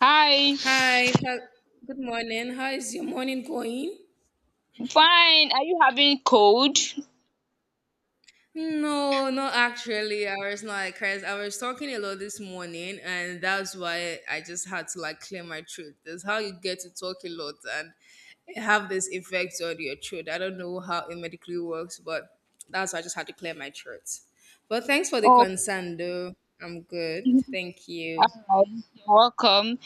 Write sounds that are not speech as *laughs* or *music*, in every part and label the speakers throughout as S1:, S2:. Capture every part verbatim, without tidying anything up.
S1: Hi,
S2: Hi, how- good morning. How is your morning going?
S1: fine. Are you having cold?
S2: No, not actually. I was not like Chris. I was talking a lot this morning, and that's why I just had to like clear my throat. That's how you get to talk a lot and have this effect on your throat. I don't know how it medically works, but that's why I just had to clear my throat. But thanks for the
S1: Oh,
S2: concern, though. I'm good.
S1: hi.
S2: Thank you.
S1: You're welcome.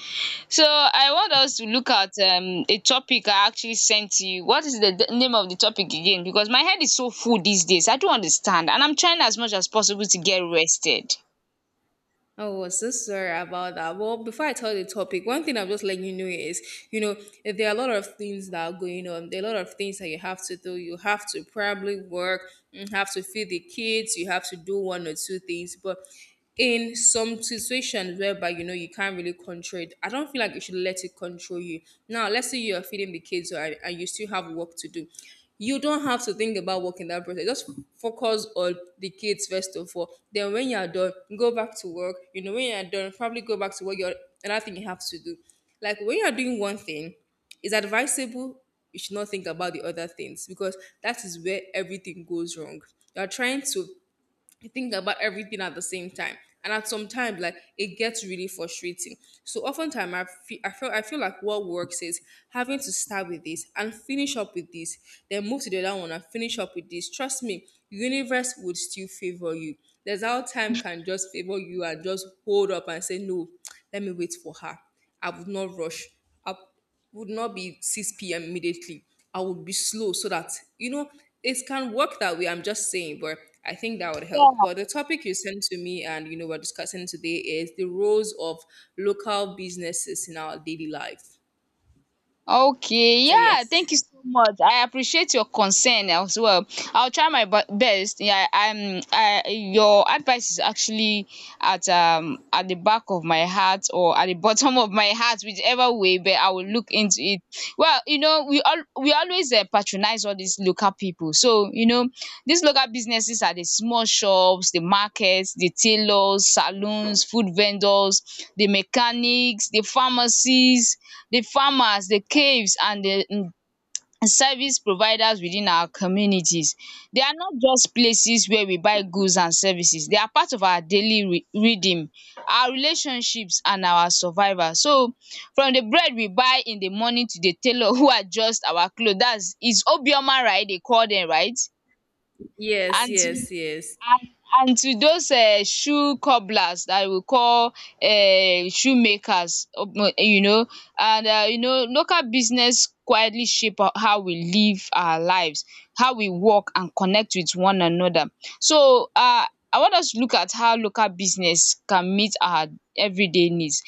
S1: So I want us to look at um a topic I actually sent to you. What is the d- name of the topic again? Because my head is so full these days. I don't understand, and I'm trying as much as possible to get rested.
S2: I was so sorry about that. Well, before I tell the topic, one thing I'm just letting you know is, you know, there are a lot of things that are going on. There are a lot of things that you have to do. You have to probably work, you have to feed the kids, you have to do one or two things. But in some situations whereby you know you can't really control it, I don't feel like you should let it control you. Now, let's say you are feeding the kids or, and you still have work to do, you don't have to think about work in that process. Just focus on the kids first of all. Then when you're done, go back to work. You know, when you're done, probably go back to what you're another thing you have to do. Like when you're doing one thing, it's advisable you should not think about the other things because that is where everything goes wrong. You're trying to you think about everything at the same time, and at some time like it gets really frustrating. So oftentimes i feel i feel i feel like what works is having to start with this and finish up with this, then move to the other one and finish up with this. Trust me, universe would still favor you. There's how time can just favor you and just hold up and say no, let me wait for her. I would not rush. I'll Would not be six p m immediately. I would be slow so that, you know, it can work that way. I'm just saying, but I think that would help. But the topic you sent to me and, you know, we're discussing today is the roles of local businesses in our daily life.
S1: Okay,
S2: So,
S1: yeah,
S2: yes.
S1: thank you so much. I appreciate your concern as well. I'll try my bu- best. Yeah, I'm. I, your advice is actually at um at the back of my heart or at the bottom of my heart, whichever way. But I will look into it. Well, you know, we all we always uh, patronize all these local people. So you know, these local businesses are the small shops, the markets, the tailors, saloons, food vendors, the mechanics, the pharmacies, the farmers, the caves, and the um service providers within our communities. They are not just places where we buy goods and services, they are part of our daily re rhythm, our relationships and our survival. So from the bread we buy in the morning to the tailor *laughs* who adjust our clothes. That's is Obioma, right? They call them, right?
S2: Yes,
S1: And
S2: yes, yes.
S1: and and to those um shoe cobblers that we call um shoemakers. Um you know and um you know Local business quietly shape ho- how we live our lives, how we work and connect with one another. So um I want us to look at how local business can meet our everyday needs.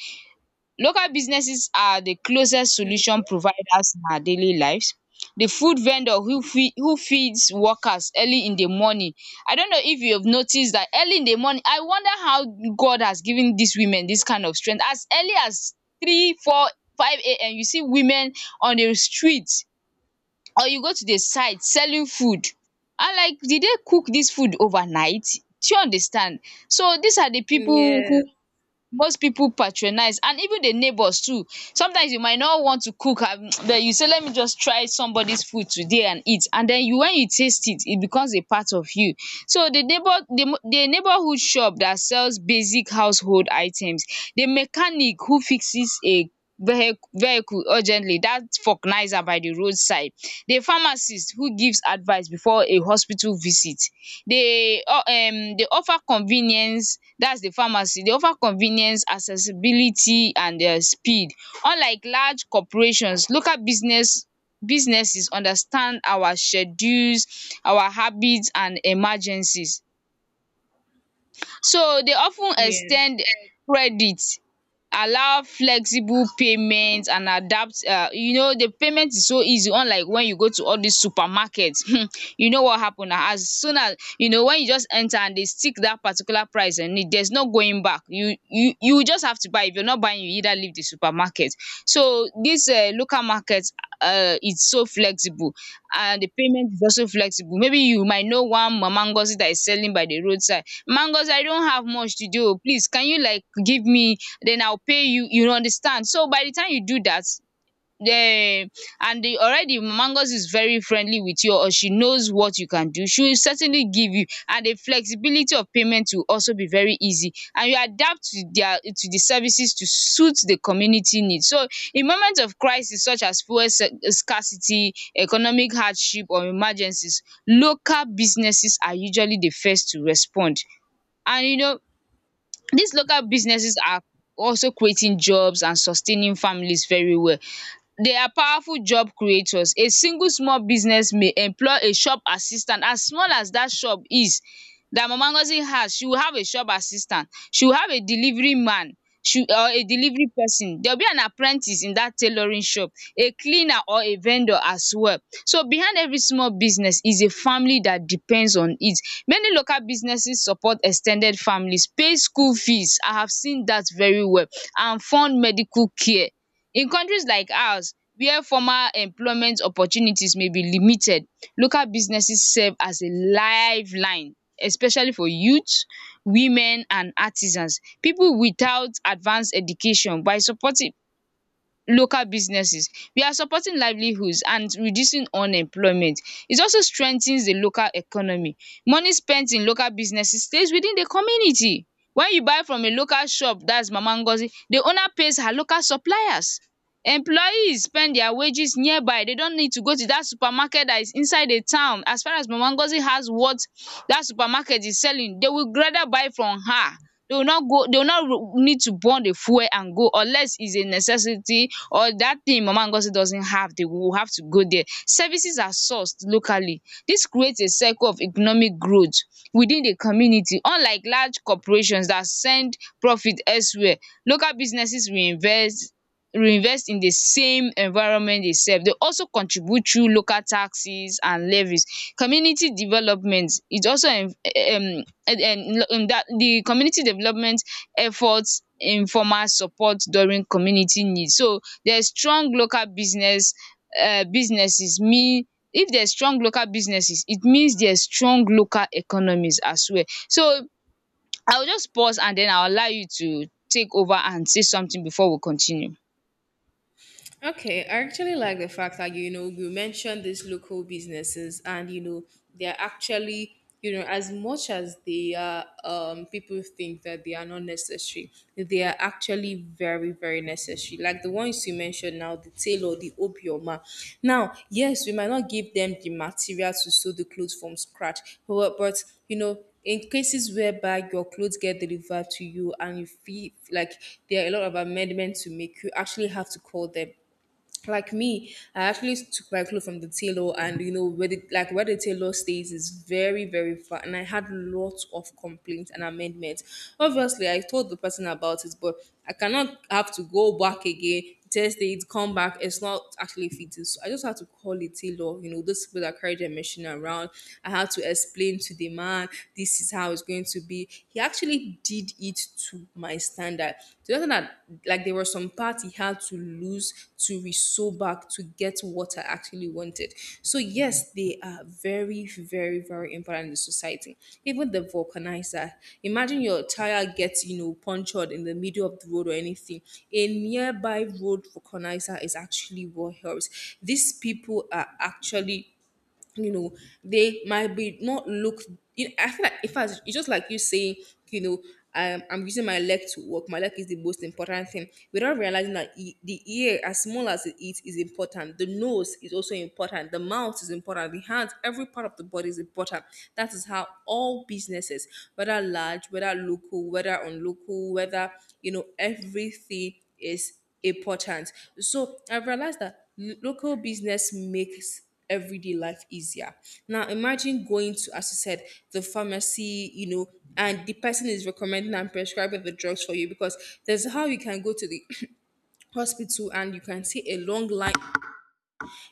S1: Local businesses are the closest solution providers in our daily lives. The food vendor who feed who feeds workers early in the morning. I don't know if you have noticed that early in the morning I wonder how God has given these women this kind of strength. As early as three, four, five a m you see women on the street, or you go to the site selling food. I, like, did they cook this food overnight? Do you understand? So these are the people
S2: Yeah,
S1: who most people patronize, and even the neighbors too. Sometimes you might not want to cook, um but you say let me just try somebody's food today and eat, and then you when you taste it it becomes a part of you. So the neighbor, the mo- the neighborhood shop that sells basic household items, the mechanic who fixes a vehi vehicle urgently, that vulcanizer by the roadside, the pharmacist who gives advice before a hospital visit. They o- um they offer convenience. That's the pharmacy. They offer convenience, accessibility and um speed. Unlike large corporations, local business businesses understand our schedules, our habits and emergencies. So they often
S2: yeah.
S1: extend ex credit, allow flexible payment and adapt. Uh, you know, the payment is so easy, unlike when you go to all these supermarkets. *laughs* You know what happen na, as soon as you know when you just enter and they stick that particular price, and it there's no going back, you you you just have to buy. If you're not buying, you either leave the supermarket. So this uh local market, uh it's so flexible, and the payment is also flexible. Maybe you might know one Mama Ngozi that is selling by the roadside mangoes. I don't have much to do. Please, can you like give me, then I will pay you? You understand? So by the time you do that, um and the already mangoes is very friendly with you, or she knows what you can do, she will certainly give you, and the flexibility of payment will also be very easy, and you adapt to their, to the services, to suit the community needs. So in moments of crisis such as fuel sc- scarcity, economic hardship or emergencies, local businesses are usually the first to respond. And you know, these local businesses are also creating jobs and sustaining families very well. They are powerful job creators. A single small business may employ a shop assistant. As small as that shop is, that Mama Ngozi has, she will have a shop assistant, she will have a delivery man, she or a delivery person. There will be an apprentice in that tailoring shop, a cleaner or a vendor as well. So behind every small business is a family that depends on it. Many local businesses support extended families, pay school fees, I have seen that very well, and fund medical care. In countries like ours where formal employment opportunities may be limited, local businesses serve as a lifeline, especially for youth, women and artisans, people without advanced education. By supporting local businesses, we are supporting livelihoods and reducing unemployment. It also strengthens the local economy. Money spent in local businesses stays within the community. When you buy from a local shop, that's Mama Ngozi, the owner pays her local suppliers. Employees spend their wages nearby. They don't need to go to that supermarket that is inside the town. As far as Mama Ngozi has what that supermarket is selling, they will rather buy from her. They will not go, they will not need to burn the fuel and go, unless it's a necessity, or that thing Mama Ngozi doesn't have, they will have to go there. Services are sourced locally. This creates a cycle of economic growth within the community. Unlike large corporations that send profit elsewhere, local businesses reinvest reinvest in the same environment they serve. They also contribute through local taxes and levies. Community development is also um um um, that the community development efforts, informal support during community needs. So there's strong local business um businesses mean, if there's strong local businesses it means there's strong local economies as well. So I will just pause and then I will allow you to take over and say something before we continue.
S2: Okay, I actually like the fact that you know you mentioned these local businesses, and you know they're actually you know as much as they are um, people think that they are not necessary, they are actually very very necessary. Like the ones you mentioned now, the tailor, the Obioma. Now, yes, we might not give them the material to sew the clothes from scratch, but but you know in cases whereby your clothes get delivered to you and you feel like there are a lot of amendments to make, you actually have to call them. Like me, I actually took my clothes from the tailor, and you know where the like where the tailor stays is very very far, and I had lots of complaints and amendments. Obviously, I told the person about it, but I cannot have to go back again. Test it, come back. It's not actually fitting. So I just had to call the tailor. You know, those people that carry their machine around. I had to explain to the man, this is how it's going to be. He actually did it to my standard. To the extent that like there were some parts he had to lose to resew back to get what I actually wanted. So yes, they are very, very, very important in the society. Even the vulcanizer. Imagine your tire gets, you know, punctured in the middle of the road or anything. A nearby road vulcanizer is actually what helps. These people are actually you know they might be not look you, I feel like in fact it's just like you saying, you know um, I'm using my leg to walk. My leg is the most important thing without realizing that e- the ear as small as it is is important, the nose is also important, the mouth is important, the hands, every part of the body is important. That is how all businesses, whether large, whether local, whether unlocal, whether you know everything is important. So I realized that lo- local business makes everyday life easier. Now imagine going to, as you said, the pharmacy, you know, and the person is recommending and prescribing the drugs for you because there's how you can go to the *clears throat* hospital and you can see a long line,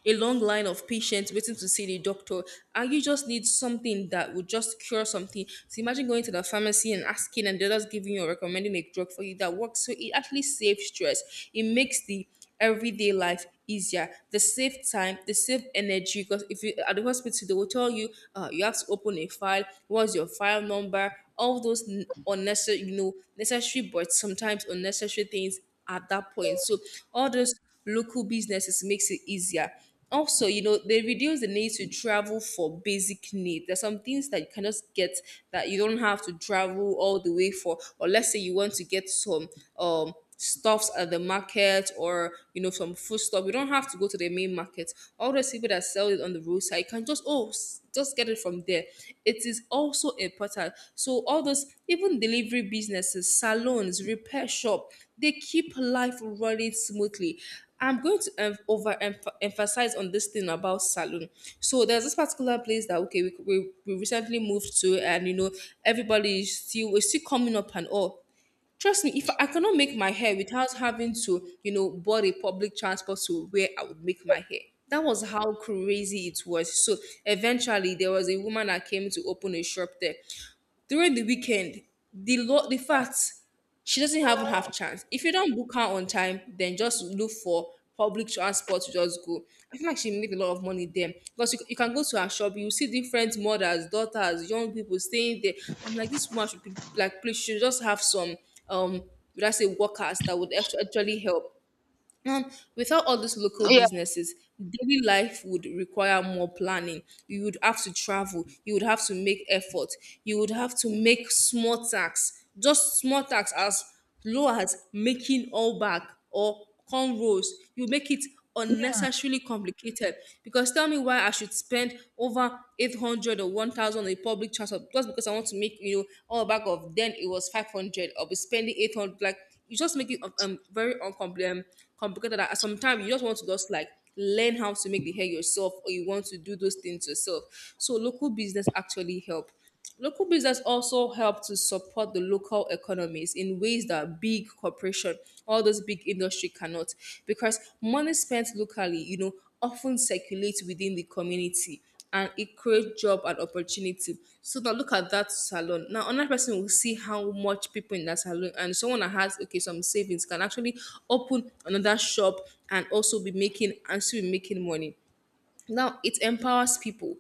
S2: a long line of patients waiting to see the doctor, and you just need something that will just cure something. So imagine going to the pharmacy and asking and they're just giving you or recommending a drug for you that works. So it actually saves stress, it makes the everyday life easier. They save time, they save energy because if you at the hospital they will tell you, uh, you have to open a file, what's your file number, all those n- unnecessary, you know, necessary but sometimes unnecessary things at that point. So all those local businesses makes it easier. Also, you know, they reduce the need to travel for basic needs. There's some things that you can just get that you don't have to travel all the way for. Or let's say you want to get some um stuffs at the market or you know some food stuff. You don't have to go to the main market. All those people that sell it on the roadside, you can just oh s- just get it from there. It is also important. So all those even delivery businesses, salons, repair shop, they keep life running smoothly. I'm going to um, over emphasize on this thing about salon. So there's this particular place that okay, we, we, we recently moved to, and you know everybody is still is still coming up and all. Trust me, if I cannot make my hair without having to you know board a public transport to where I would make my hair. That was how crazy it was. So eventually, there was a woman that came to open a shop there during the weekend, the lo- the fact she doesn't even have chance. If you don't book her on time, then just look for public transport to just go. I feel like she made a lot of money there because you, you can go to her shop, you see different mothers, daughters, young people staying there. I'm like, this woman should be like, please, she should just have some um, would I say workers that would actu- actually help. And without all these local
S1: Yeah,
S2: businesses, daily life would require more planning. You would have to travel. You would have to make effort. You would have to make small tax, just small tax as low as making all back or cornrows. You make it
S1: yeah,
S2: unnecessarily complicated because tell me why I should spend over eight hundred or one thousand on a public transport just because I want to make, you know, all back of then it was five hundred. I'll be spending eight hundred. Like, you just make it um um, very uncompli- um, complicated. And sometimes you just want to just like learn how to make the hair yourself, or you want to do those things yourself. So local business actually help. Local business also help to support the local economies in ways that big corporation, all those big industry cannot, because money spent locally, you know, often circulates within the community and it creates job and opportunity. So now look at that salon. Now another person will see how much people in that salon and someone that has okay some savings can actually open another shop and also be making and still be making money. Now it empowers people.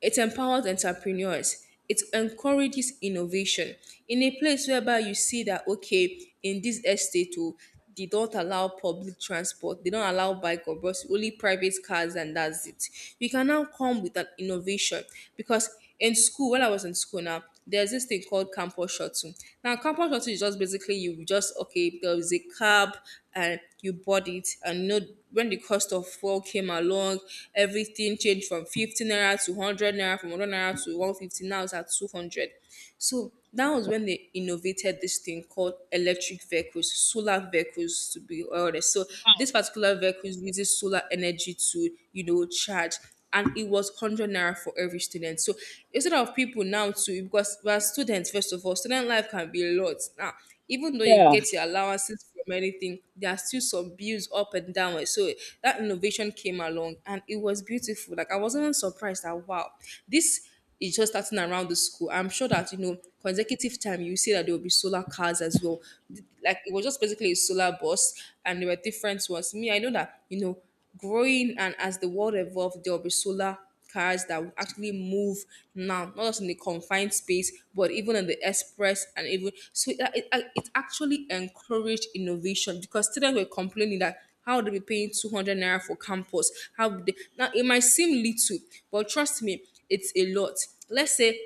S2: It empowers entrepreneurs. It encourages innovation in a place whereby you see that okay, in this estate, oh, they don't allow public transport, they don't allow bike or bus, only private cars, and that's it. You can now come with an innovation because in school, when I was in school now, there's this thing called campus shuttle. Now, campus shuttle is just basically you just okay, there is a cab and you board it and you know when the cost of fuel came along, everything changed from fifty naira to one hundred naira, from a hundred naira to one fifty, now it's at two hundred. So that was when they innovated this thing called electric vehicles, solar vehicles to be honest. So this particular vehicles uses solar energy to, you know, charge and it was one hundred naira for every student. So instead of people now to, because we are students, first of all, student life can be a lot. Now, even though you
S1: yeah.
S2: get your allowances from anything, there are still some bills up and down. So that innovation came along and it was beautiful. Like, I wasn't even surprised that, wow, this is just starting around the school. I'm sure that, you know, consecutive time you see that there will be solar cars as well. Like, it was just basically a solar bus and there were different ones. Me, I know that, you know, growing and as the world evolves, there will be solar cars that will actually move now, not just in the confined space but even in the express. And even so, it, it, it actually encouraged innovation, because students were complaining that how would they be paying two hundred naira for campus. How would they? Now, it might seem little, but trust me, it's a lot. Let's say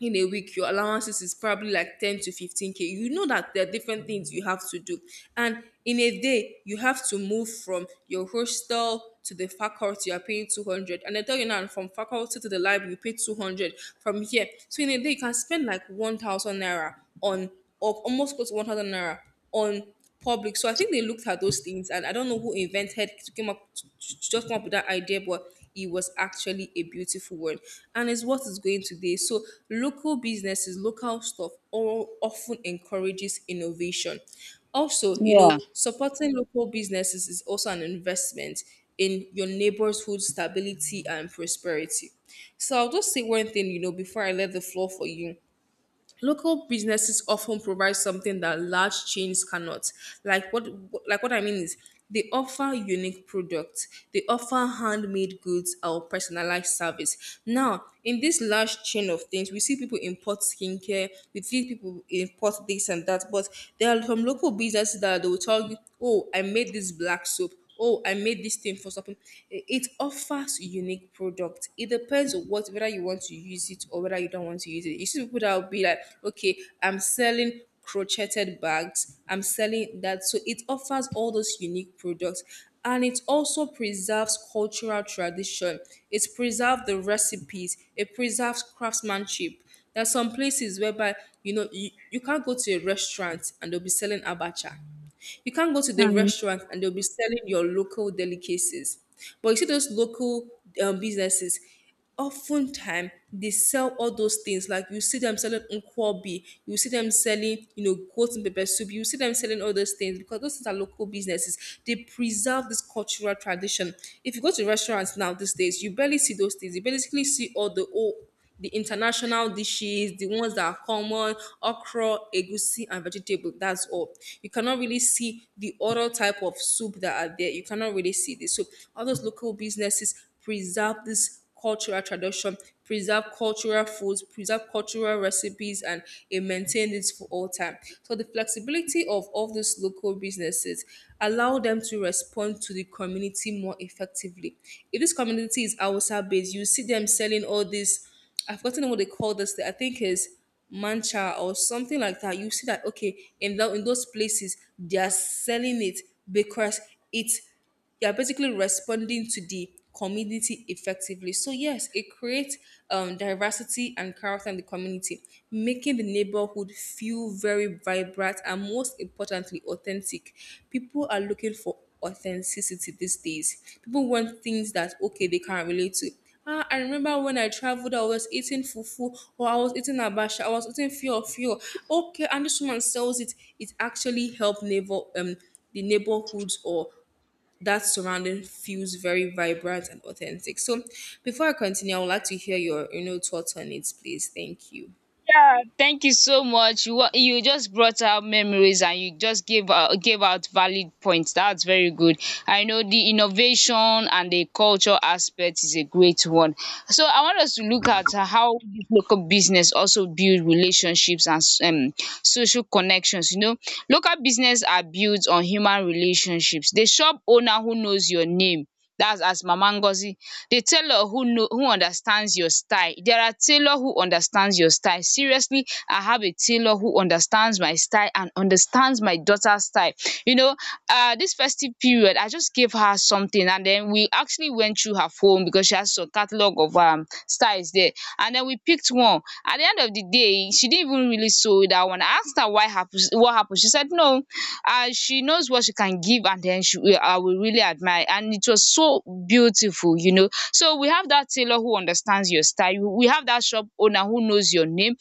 S2: in a week your allowances is probably like ten to fifteen k. You know that there are different things you have to do, and in a day you have to move from your hostel to the faculty. You are paying two hundred, and I tell you, now from faculty to the library you pay two hundred from here. So in a day you can spend like one thousand naira on, or almost close to one thousand naira on public. So I think they looked at those things, and I don't know who invented came up just come up with that idea, but it was actually a beautiful word, and it's what is going today. So local businesses, local stuff, all often encourages innovation. Also, you
S1: Yeah.
S2: know, supporting local businesses is also an investment in your neighborhood stability and prosperity. So I'll just say one thing, you know, before I let the floor for you. Local businesses often provide something that large chains cannot. Like what? Like what I mean is, they offer unique products, they offer handmade goods or personalized service. Now in this large chain of things, we see people import skincare, we see people import this and that. But there are some local businesses that they will tell you, oh, I made this black soap, oh, I made this thing for something. It it offers unique product. It depends on what, whether you want to use it or whether you don't want to use it. You see people that will be like, okay, I'm selling crocheted bags, I'm selling that. So it offers all those unique products, and it also preserves cultural tradition. It preserves the recipes, it preserves craftsmanship. There are some places whereby, you know, you, you can't go to a restaurant and they'll be selling abacha, you can't go to the
S1: Hmm.
S2: restaurant and they'll be selling your local delicacies. But you see those local um, businesses, oftentimes they sell all those things. Like, you see them selling nkwobi, you see them selling, you know, goat and pepper soup, you see them selling all those things, because those things are local businesses. They preserve this cultural tradition. If you go to restaurants now these days, you barely see those things. You basically see all the old the international dishes, the ones that are common: okra, egusi, and vegetable. That's all. You cannot really see the other type of soup that are there. You cannot really see this. So all those local businesses preserve this cultural tradition, preserve cultural foods, preserve cultural recipes, and it maintained it for all time. So the flexibility of all these local businesses allow them to respond to the community more effectively. If this community is outside based, you see them selling all these. I've forgotten what they call this thing. I think is mancha or something like that. You see that, okay, in tho- in those places they are selling it, because it's, they are basically responding to the community effectively. So yes, it creates um, diversity and character in the community, making the neighborhood feel very vibrant and, most importantly, authentic. People are looking for authenticity these days. People want things that, okay, they can relate to. Ah, I remember when I traveled, I was eating fufu, or I was eating abacha, I was eating few few. Okay, and this woman sells it. It actually helped neighbor um the neighborhoods, or that surrounding feels very vibrant and authentic. So before I continue, I would like to hear your you know thoughts on it, please. Thank you.
S1: Yeah, thank you so much. You wa- you just brought out memories, and you just gave out, gave out valid points. That's very good. I know the innovation and the culture aspect is a great one. So I want us to look at how this local business also build relationships and s- um, social connections. You know, local business are built on human relationships. The shop owner who knows your name, that's as Mama Ngozi. The tailor who know who understands your style. There are tailor who understands your style. Seriously, I have a tailor who understands my style and understands my daughter's style. You know, uh this festive period I just gave her something, and then we actually went through her phone because she has a catalog of her um styles there, and then we picked one. At the end of the day she didn't even really sew that one. I asked her why happened. What happened. She said no, uh she knows what she can give, and then she will, I will really admire. And it was so beautiful. You know, so we have that tailor who understands your style, we have that shop owner who knows your name,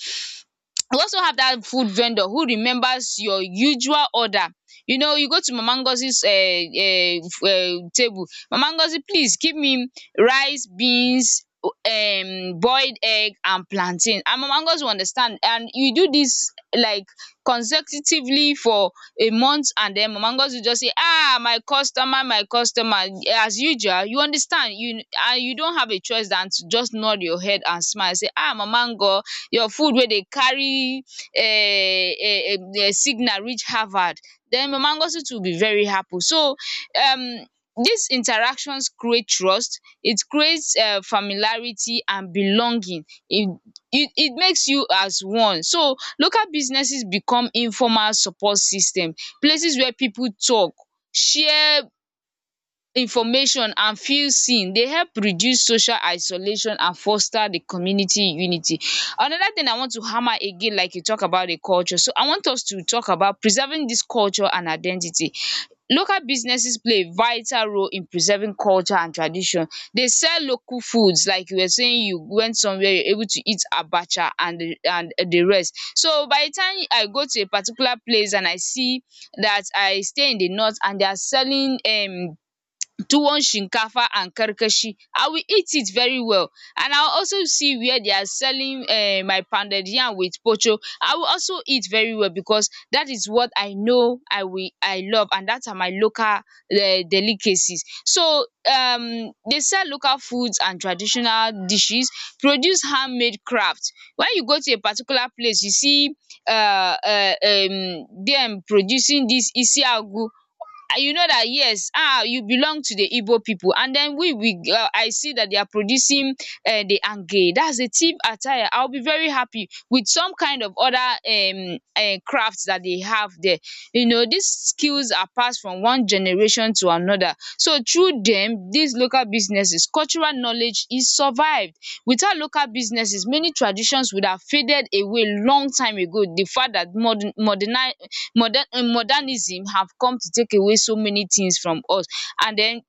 S1: we also have that food vendor who remembers your usual order. You know, you go to Mama Ngozi's um um um table. Mama Ngozi, please give me rice, beans, um boiled egg and plantain, and Mama Ngozi will understand. And you do this like consecutively for a month, and then Mama Ngozi will just say, ah, my customer, my customer, as usual. You understand? You and you don't have a choice than to just nod your head and smile, say ah, Mama Ngo, your food wey dey carry um um signal reach Harvard, den Mama Ngozi too will be very happy. So um dis interactions create trust. It creates um familiarity and belonging. It it it makes you as one. So local businesses become informal support system, places where people talk, share information and feel seen. Dey help reduce social isolation and foster the community unity. Another thing I want to hammer again, like you talk about the culture. So I want us to talk about preserving this culture and identity. Local businesses play a vital role in preserving culture and tradition. They sell local foods, like you were saying you went somewhere you're able to eat abacha and the- and the rest. So by the time I go to a particular place and I see that I stay in the north and they are selling um tuwon shinkafa and karkashi. I will eat it very well, and I will also see where they are selling um my pounded yam with pocho. I will also eat very well, because that is what I know I will I love, and that are my local um delicacies. So um they sell local foods and traditional dishes, produce handmade craft. When you go to a particular place you see um um dem producing dis isiagu. You know that, yes, ah, you belong to the Igbo people, and then we we uh, I see that they are producing uh, the ange, that's the thief attire. I'll be very happy with some kind of other um uh, crafts that they have there. You know, these skills are passed from one generation to another, so through them these local businesses cultural knowledge is survived. Without local businesses many traditions would have faded away long time ago. The fact that modern modernize modern eh, modernism have come to take away so many things from us, and then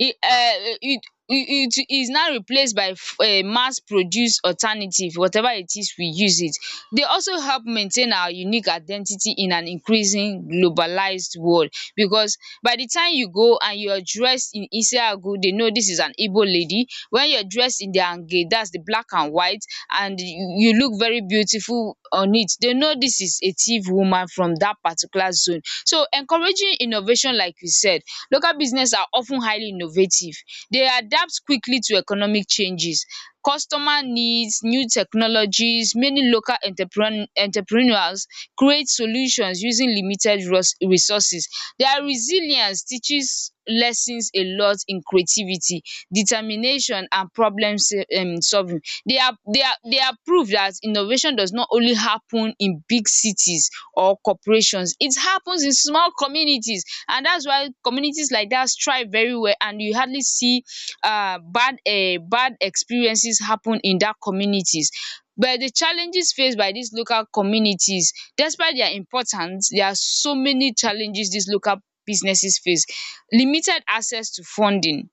S1: e um it it it is now replaced by um mass produced alternative, whatever it is we use it. They also help maintain our unique identity in an increasing globalized world, because by the time you go and you are dressed in Isiagu, they know this is an Igbo lady. When you're dressed in the Hange, that's the black and white, and you you look very beautiful on it, they know this is a tiv woman from that particular zone. So encouraging innovation, like you said, local business are of ten highly innovative. They adapt quickly to economic changes, customer needs, new technologies. Many local entrepreneur entrepreneurs create solutions using limited resources. Their resilience teaches lessons a lot in creativity, determination and problem um solving. They are they are they are proof that innovation does not only happen in big cities or corporations. It happens in small communities, and that's why communities like that thrive very well and you hardly see uh, bad uh bad experiences happen in that communities. But the challenges faced by these local communities, despite their importance, there are so many challenges these local businesses face. Limited access to funding,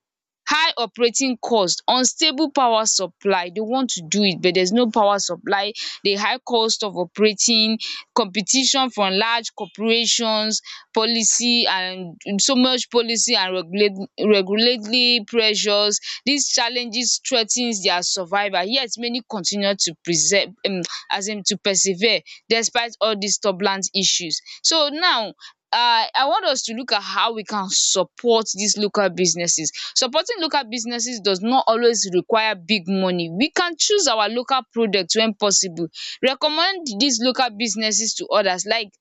S1: high operating cost, unstable power supply. They want to do it but there's no power supply, the high cost of operating, competition from large corporations, policy and so much policy and regulate, regulatory pressures. These challenges threa ten their survival, yet many continue to preserve um as in to persevere despite all these turbulent issues. So now, um I want us to look at how we can support these local businesses. Supporting local businesses does not always require big money. We can choose our local product when possible. Recommend dis local businesses to others, like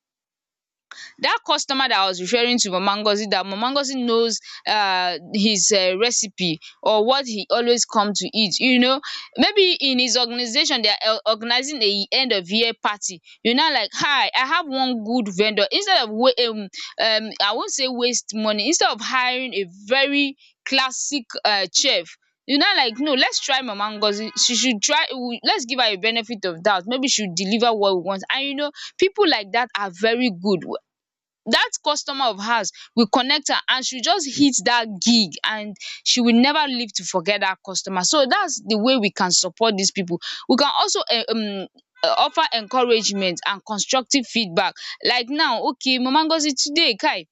S1: that customer that I was referring to, Mama Ngozi, that Mama Ngozi knows uh, his uh, recipe or what he always come to eat. You know, maybe in his organization, they are uh, organizing a end of year party. You know, like, hi, I have one good vendor. Instead of, wa- um, um, I won't say waste money, instead of hiring a very classic uh, chef, you know, like, no, let's try Mama Ngozi. She should try. We- let's give her a benefit of doubt. Maybe she'll deliver what we want. And you know, people like that are very good. That customer of hers, we connect her and she just hit that gig, and she will never live to forget that customer. So that's the way we can support these people. We can also eh, um uh, offer encouragement and constructive feedback. Like now, okay, Mama Ngozi today, kai,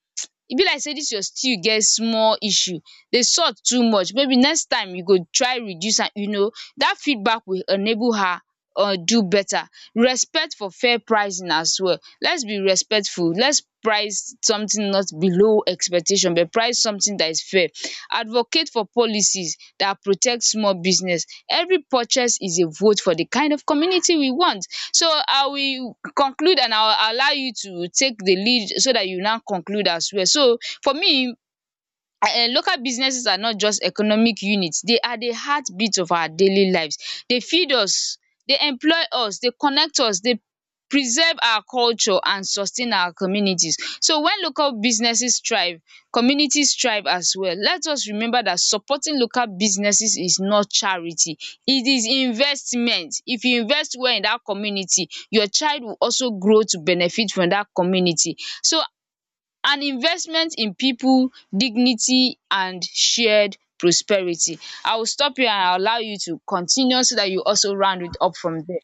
S1: e be like sey this your stew get small issue, the salt too much, maybe next time you go try reduce am, you know, that feedback will enable her um do better. Respect for fair pricing as well. Let's be respectful. Let's price something not below expectation, but price something that is fair. Advocate for policies that protect small business. Every purchase is a vote for the kind of community we want. So I will conclude and I will allow you to take the lead so that you now conclude as well. So for me, um local businesses are not just economic units. They are the heartbeat of our daily lives. They feed us, they employ us, they connect us, they preserve our culture and sustain our communities. So when local businesses thrive, communities thrive as well. Let us remember that supporting local businesses is not charity, it is investment. If you invest well in that community, your child will also grow to benefit from that community. So an investment in people dignity and shared prosperity. I will stop here and allow you to continue so that you also round it up from there.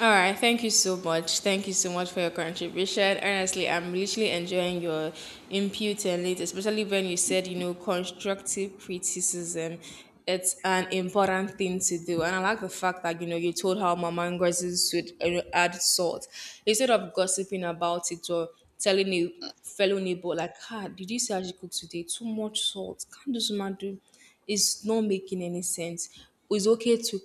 S2: All right, thank you so much. Thank you so much for your contribution. Honestly, I'm literally enjoying your input and it, especially when you said, you know, constructive criticism. It's an important thing to do. And I like the fact that, you know, you told how Mama Ngozi should uh, add salt. Instead of gossiping about it or telling a fellow neighbor, like, ah, did you see how she cooked today? Too much salt. Can't this woman do? It's not making any sense. It's okay to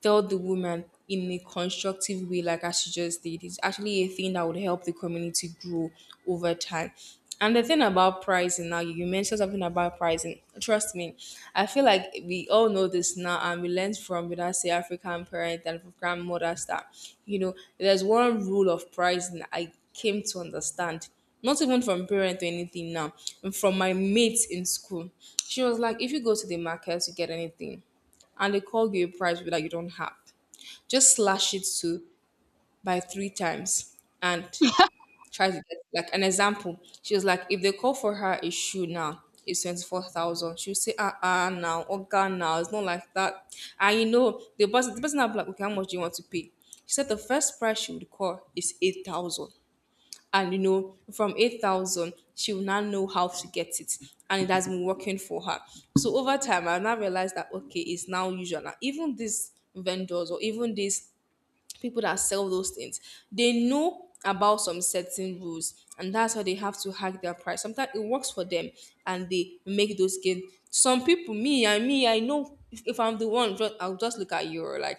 S2: tell the woman in a constructive way, like as she just did, is actually a thing that would help the community grow over time. And the thing about pricing now, you you mentioned something about pricing. Trust me, I feel like we all know this now, and we learned from, you us say, African parents and grandmothers that, you know, there's one rule of pricing I came to understand, not even from parents or anything now, from my mates in school. She was like, if you go to the market to get anything, and they call you a price that you don't have, just slash it to by three times and try to get, like, an example. She was like, if they call for her a shoe now, it's twenty four, would say, ah, ah, now, oh god now, it's not like that. And you know, the person the person will be like, okay, how much do you want to pay? She said the first price she would call is eight thousand. And you know, from eight thousand, she will now know how to get it. And it has been working for her. So over time, I now realized that, okay, it's now usual. Now, even these vendors, or even these people that sell those things, they know about some certain rules. And that's how they have to hack their price. Sometimes it works for them and they make those gain. Some people, me, I me, I know, if, if I'm the one, just, I'll just look at you like,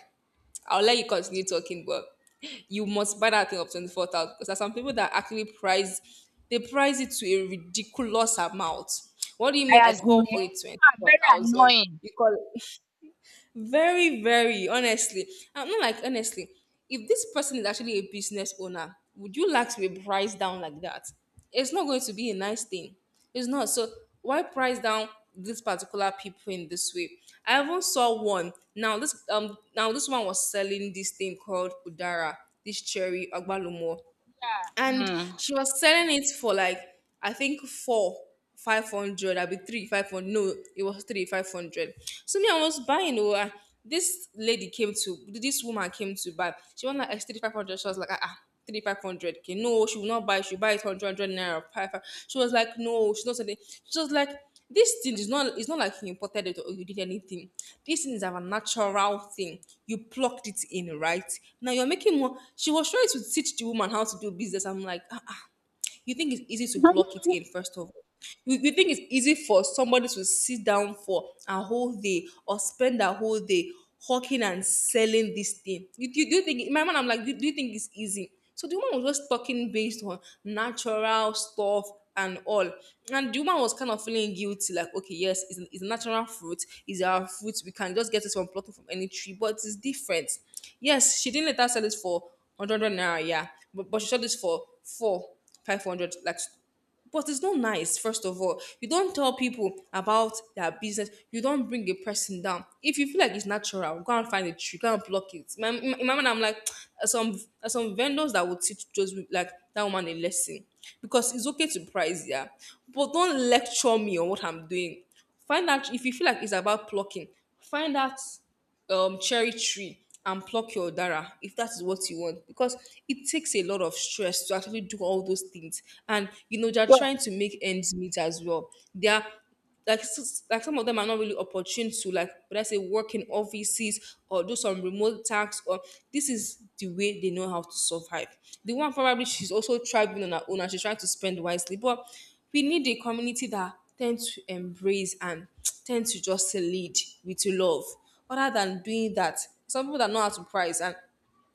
S2: I'll let you continue talking, but you must buy that thing of twenty-four thousand, because there are some people that actually price, they price it to a ridiculous amount. What do you mean
S1: It
S2: I
S1: has been
S2: call for it
S1: um very
S2: twenty-four thousand?
S1: annoying.
S2: You call very, very honestly. I'm not like honestly. If this person is actually a business owner, would you like to be priced down like that? It's not going to be a nice thing. It's not. So why price down these particular people in this way? I even saw one. Now this um now this one was selling this thing called Udara, this cherry agbalumo, and
S1: um
S2: she was selling it for like, I think, four five hundred. I'll be three five hundred. No, it was three five hundred. So me, I was buying. Oh, uh, this lady came to this woman came to buy. She was like, it's three five hundred. She was like, ah. ah three five hundred, okay, no, she will not buy, she will buy it hundred hundred naira five, five. She was like, no, she's not selling. She was like, this thing is not, it's not like you imported it or you did anything. This thing is a natural thing. You plucked it in, right? Now you're making more. She was trying to teach the woman how to do business. I'm like, ah, ah you think it's easy to pluck it in, first of all. You, you think it's easy for somebody to sit down for a whole day or spend a whole day hawking and selling this thing? You, you, do you think, in my mind, I'm like, do, do you think it's easy? So the woman was just talking based on natural stuff and all. And the woman was kind of feeling guilty, like, okay, yes, it's, it's a natural fruit, it's our fruit, we can just get it from plucking from any tree, but it's different. Yes, she didn't later sell it for one hundred naira, yeah. But, but she sold this for four, five hundred. Like, but it's not nice, first of all. You don't tell people about their business. You don't bring a person down. If you feel like it's natural, go and find a tree, go and pluck it. My, in my mind, I'm like, *tsk* there's some, there's some vendors that would teach just like that woman a lesson. Because it's okay to price, yeah. But don't lecture me on what I'm doing. Find out if you feel like it's about plucking, find out um, cherry tree, and pluck your dara if that is what you want, because it takes a lot of stress to actually do all those things, and you know they're
S1: Sure,
S2: trying to make ends meet as well. They're like s- s- like some of them are not really opportune to, like, but I say, work in offices or do some remote tasks, or this is the way they know how to survive. The one, probably she's also thriving on her own and she's trying to spend wisely, but we need a community that tend to embrace and *tsk* tend to just lead with love, other than doing that. Some people that know how to price, and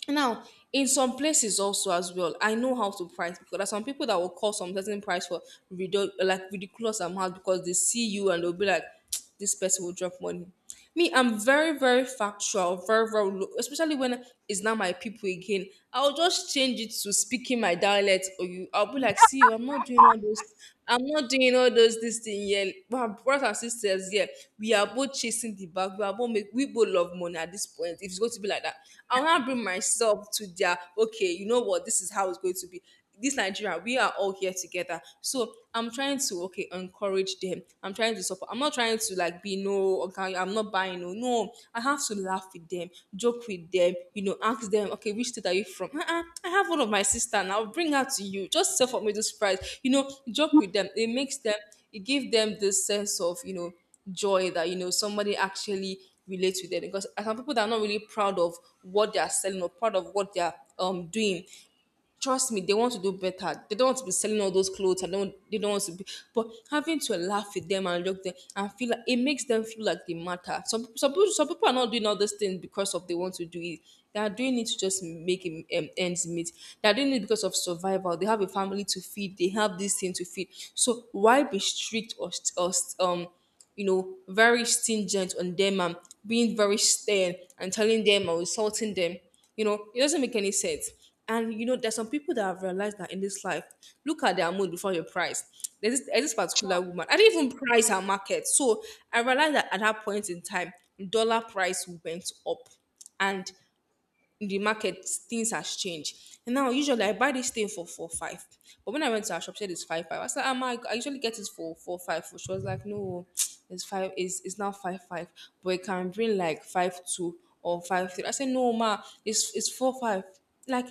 S2: now in some places also as well, I know how to price, because there's some people that will call some certain price for ridic- like ridiculous amount because they see you and they'll be like, *tsk* this person will drop money. Me, I'm very, very factual, very, very low, especially when it's not my people again. I'll just change it to speaking my dialect, or you, I'll be like, see you, I'm not doing all those, I'm not doing all those this thing here. We are brothers and sisters here. We are both chasing the bag. We are both, make we both love money at this point. If it's going to be like that, I want to bring myself to their, okay, you know what? This is how it's going to be. This Nigeria, we are all here together. So I'm trying to, okay, encourage them. I'm trying to support. I'm not trying to, like, be no. Okay, I'm not buying, no. No, I have to laugh with them, joke with them. You know, ask them, okay, which state are you from? Uh-uh, I have one of my sister, and I'll bring her to you. Just sell for me this price. You know, joke with them. It makes them. It gives them this sense of, you know, joy, that you know somebody actually relates with them, because uh, some people that are not really proud of what they are selling, or proud of what they are um doing, trust me, they want to do better. They don't want to be selling all those clothes. I don't. They don't want to be. But having to laugh with them and look them and feel like it makes them feel like they matter. Some some people, some people are not doing all those things because of they want to do it. They are doing it to just make em- em- ends meet. They are doing it because of survival. They have a family to feed. They have this thing to feed. So why be strict, or st- or st- um you know, very stringent on them, and being very stern and telling them, or insulting them? You know, it doesn't make any sense. And you know, there's some people that have realized that in this life, look at their mood before your price. There's this, there's this particular
S1: sure.
S2: woman. I didn't even price her market. So I realized that at that point in time, dollar price went up. And in the market, things has changed. And now usually I buy this thing for four five. But when I went to her shop, she said it's five five. I said, Am I I usually get it for four five. She was like, no, it's five is it's it's now five five. But it can bring like five two or five three. I said, no, ma, it's it's four five. Like,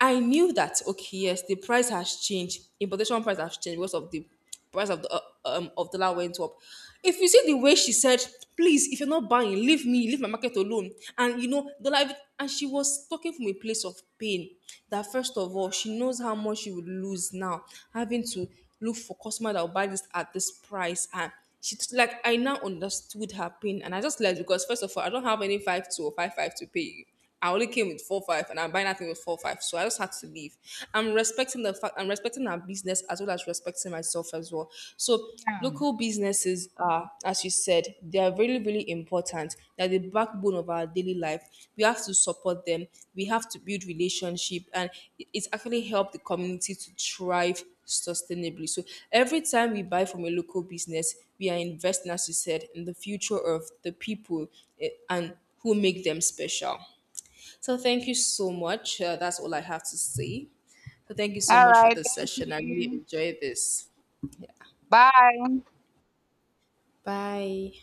S2: I knew that, okay, yes, the price has changed. Importation price has changed because of the price of the uh, um of dollar went up. If you see the way she said, please, if you're not buying, leave me, leave my market alone. And you know, the life, and she was talking from a place of pain. That first of all, she knows how much she would lose now, having to look for customer that will buy this at this price. And she t- like I now understood her pain, and I just left, because first of all, I don't have any five two or five five to pay you. I only came with four five, and I'm buying that thing with four five. So I just had to leave. I'm respecting the fact. I'm respecting our business as well as respecting myself as well. So local businesses are, as you said, they are really really important. They're the backbone of our daily life. We have to support them. We have to build relationship, and it- it's actually helped the community to thrive sustainably. So every time we buy from a local business, we are investing, as you said, in the future of the people, eh, and who make them special. So thank you so much. Uh, that's all I have to say. So thank you so
S1: All
S2: much for
S1: right.
S2: this
S1: Thank
S2: session. I really
S1: you.
S2: enjoyed this.
S1: Bye.
S2: Bye.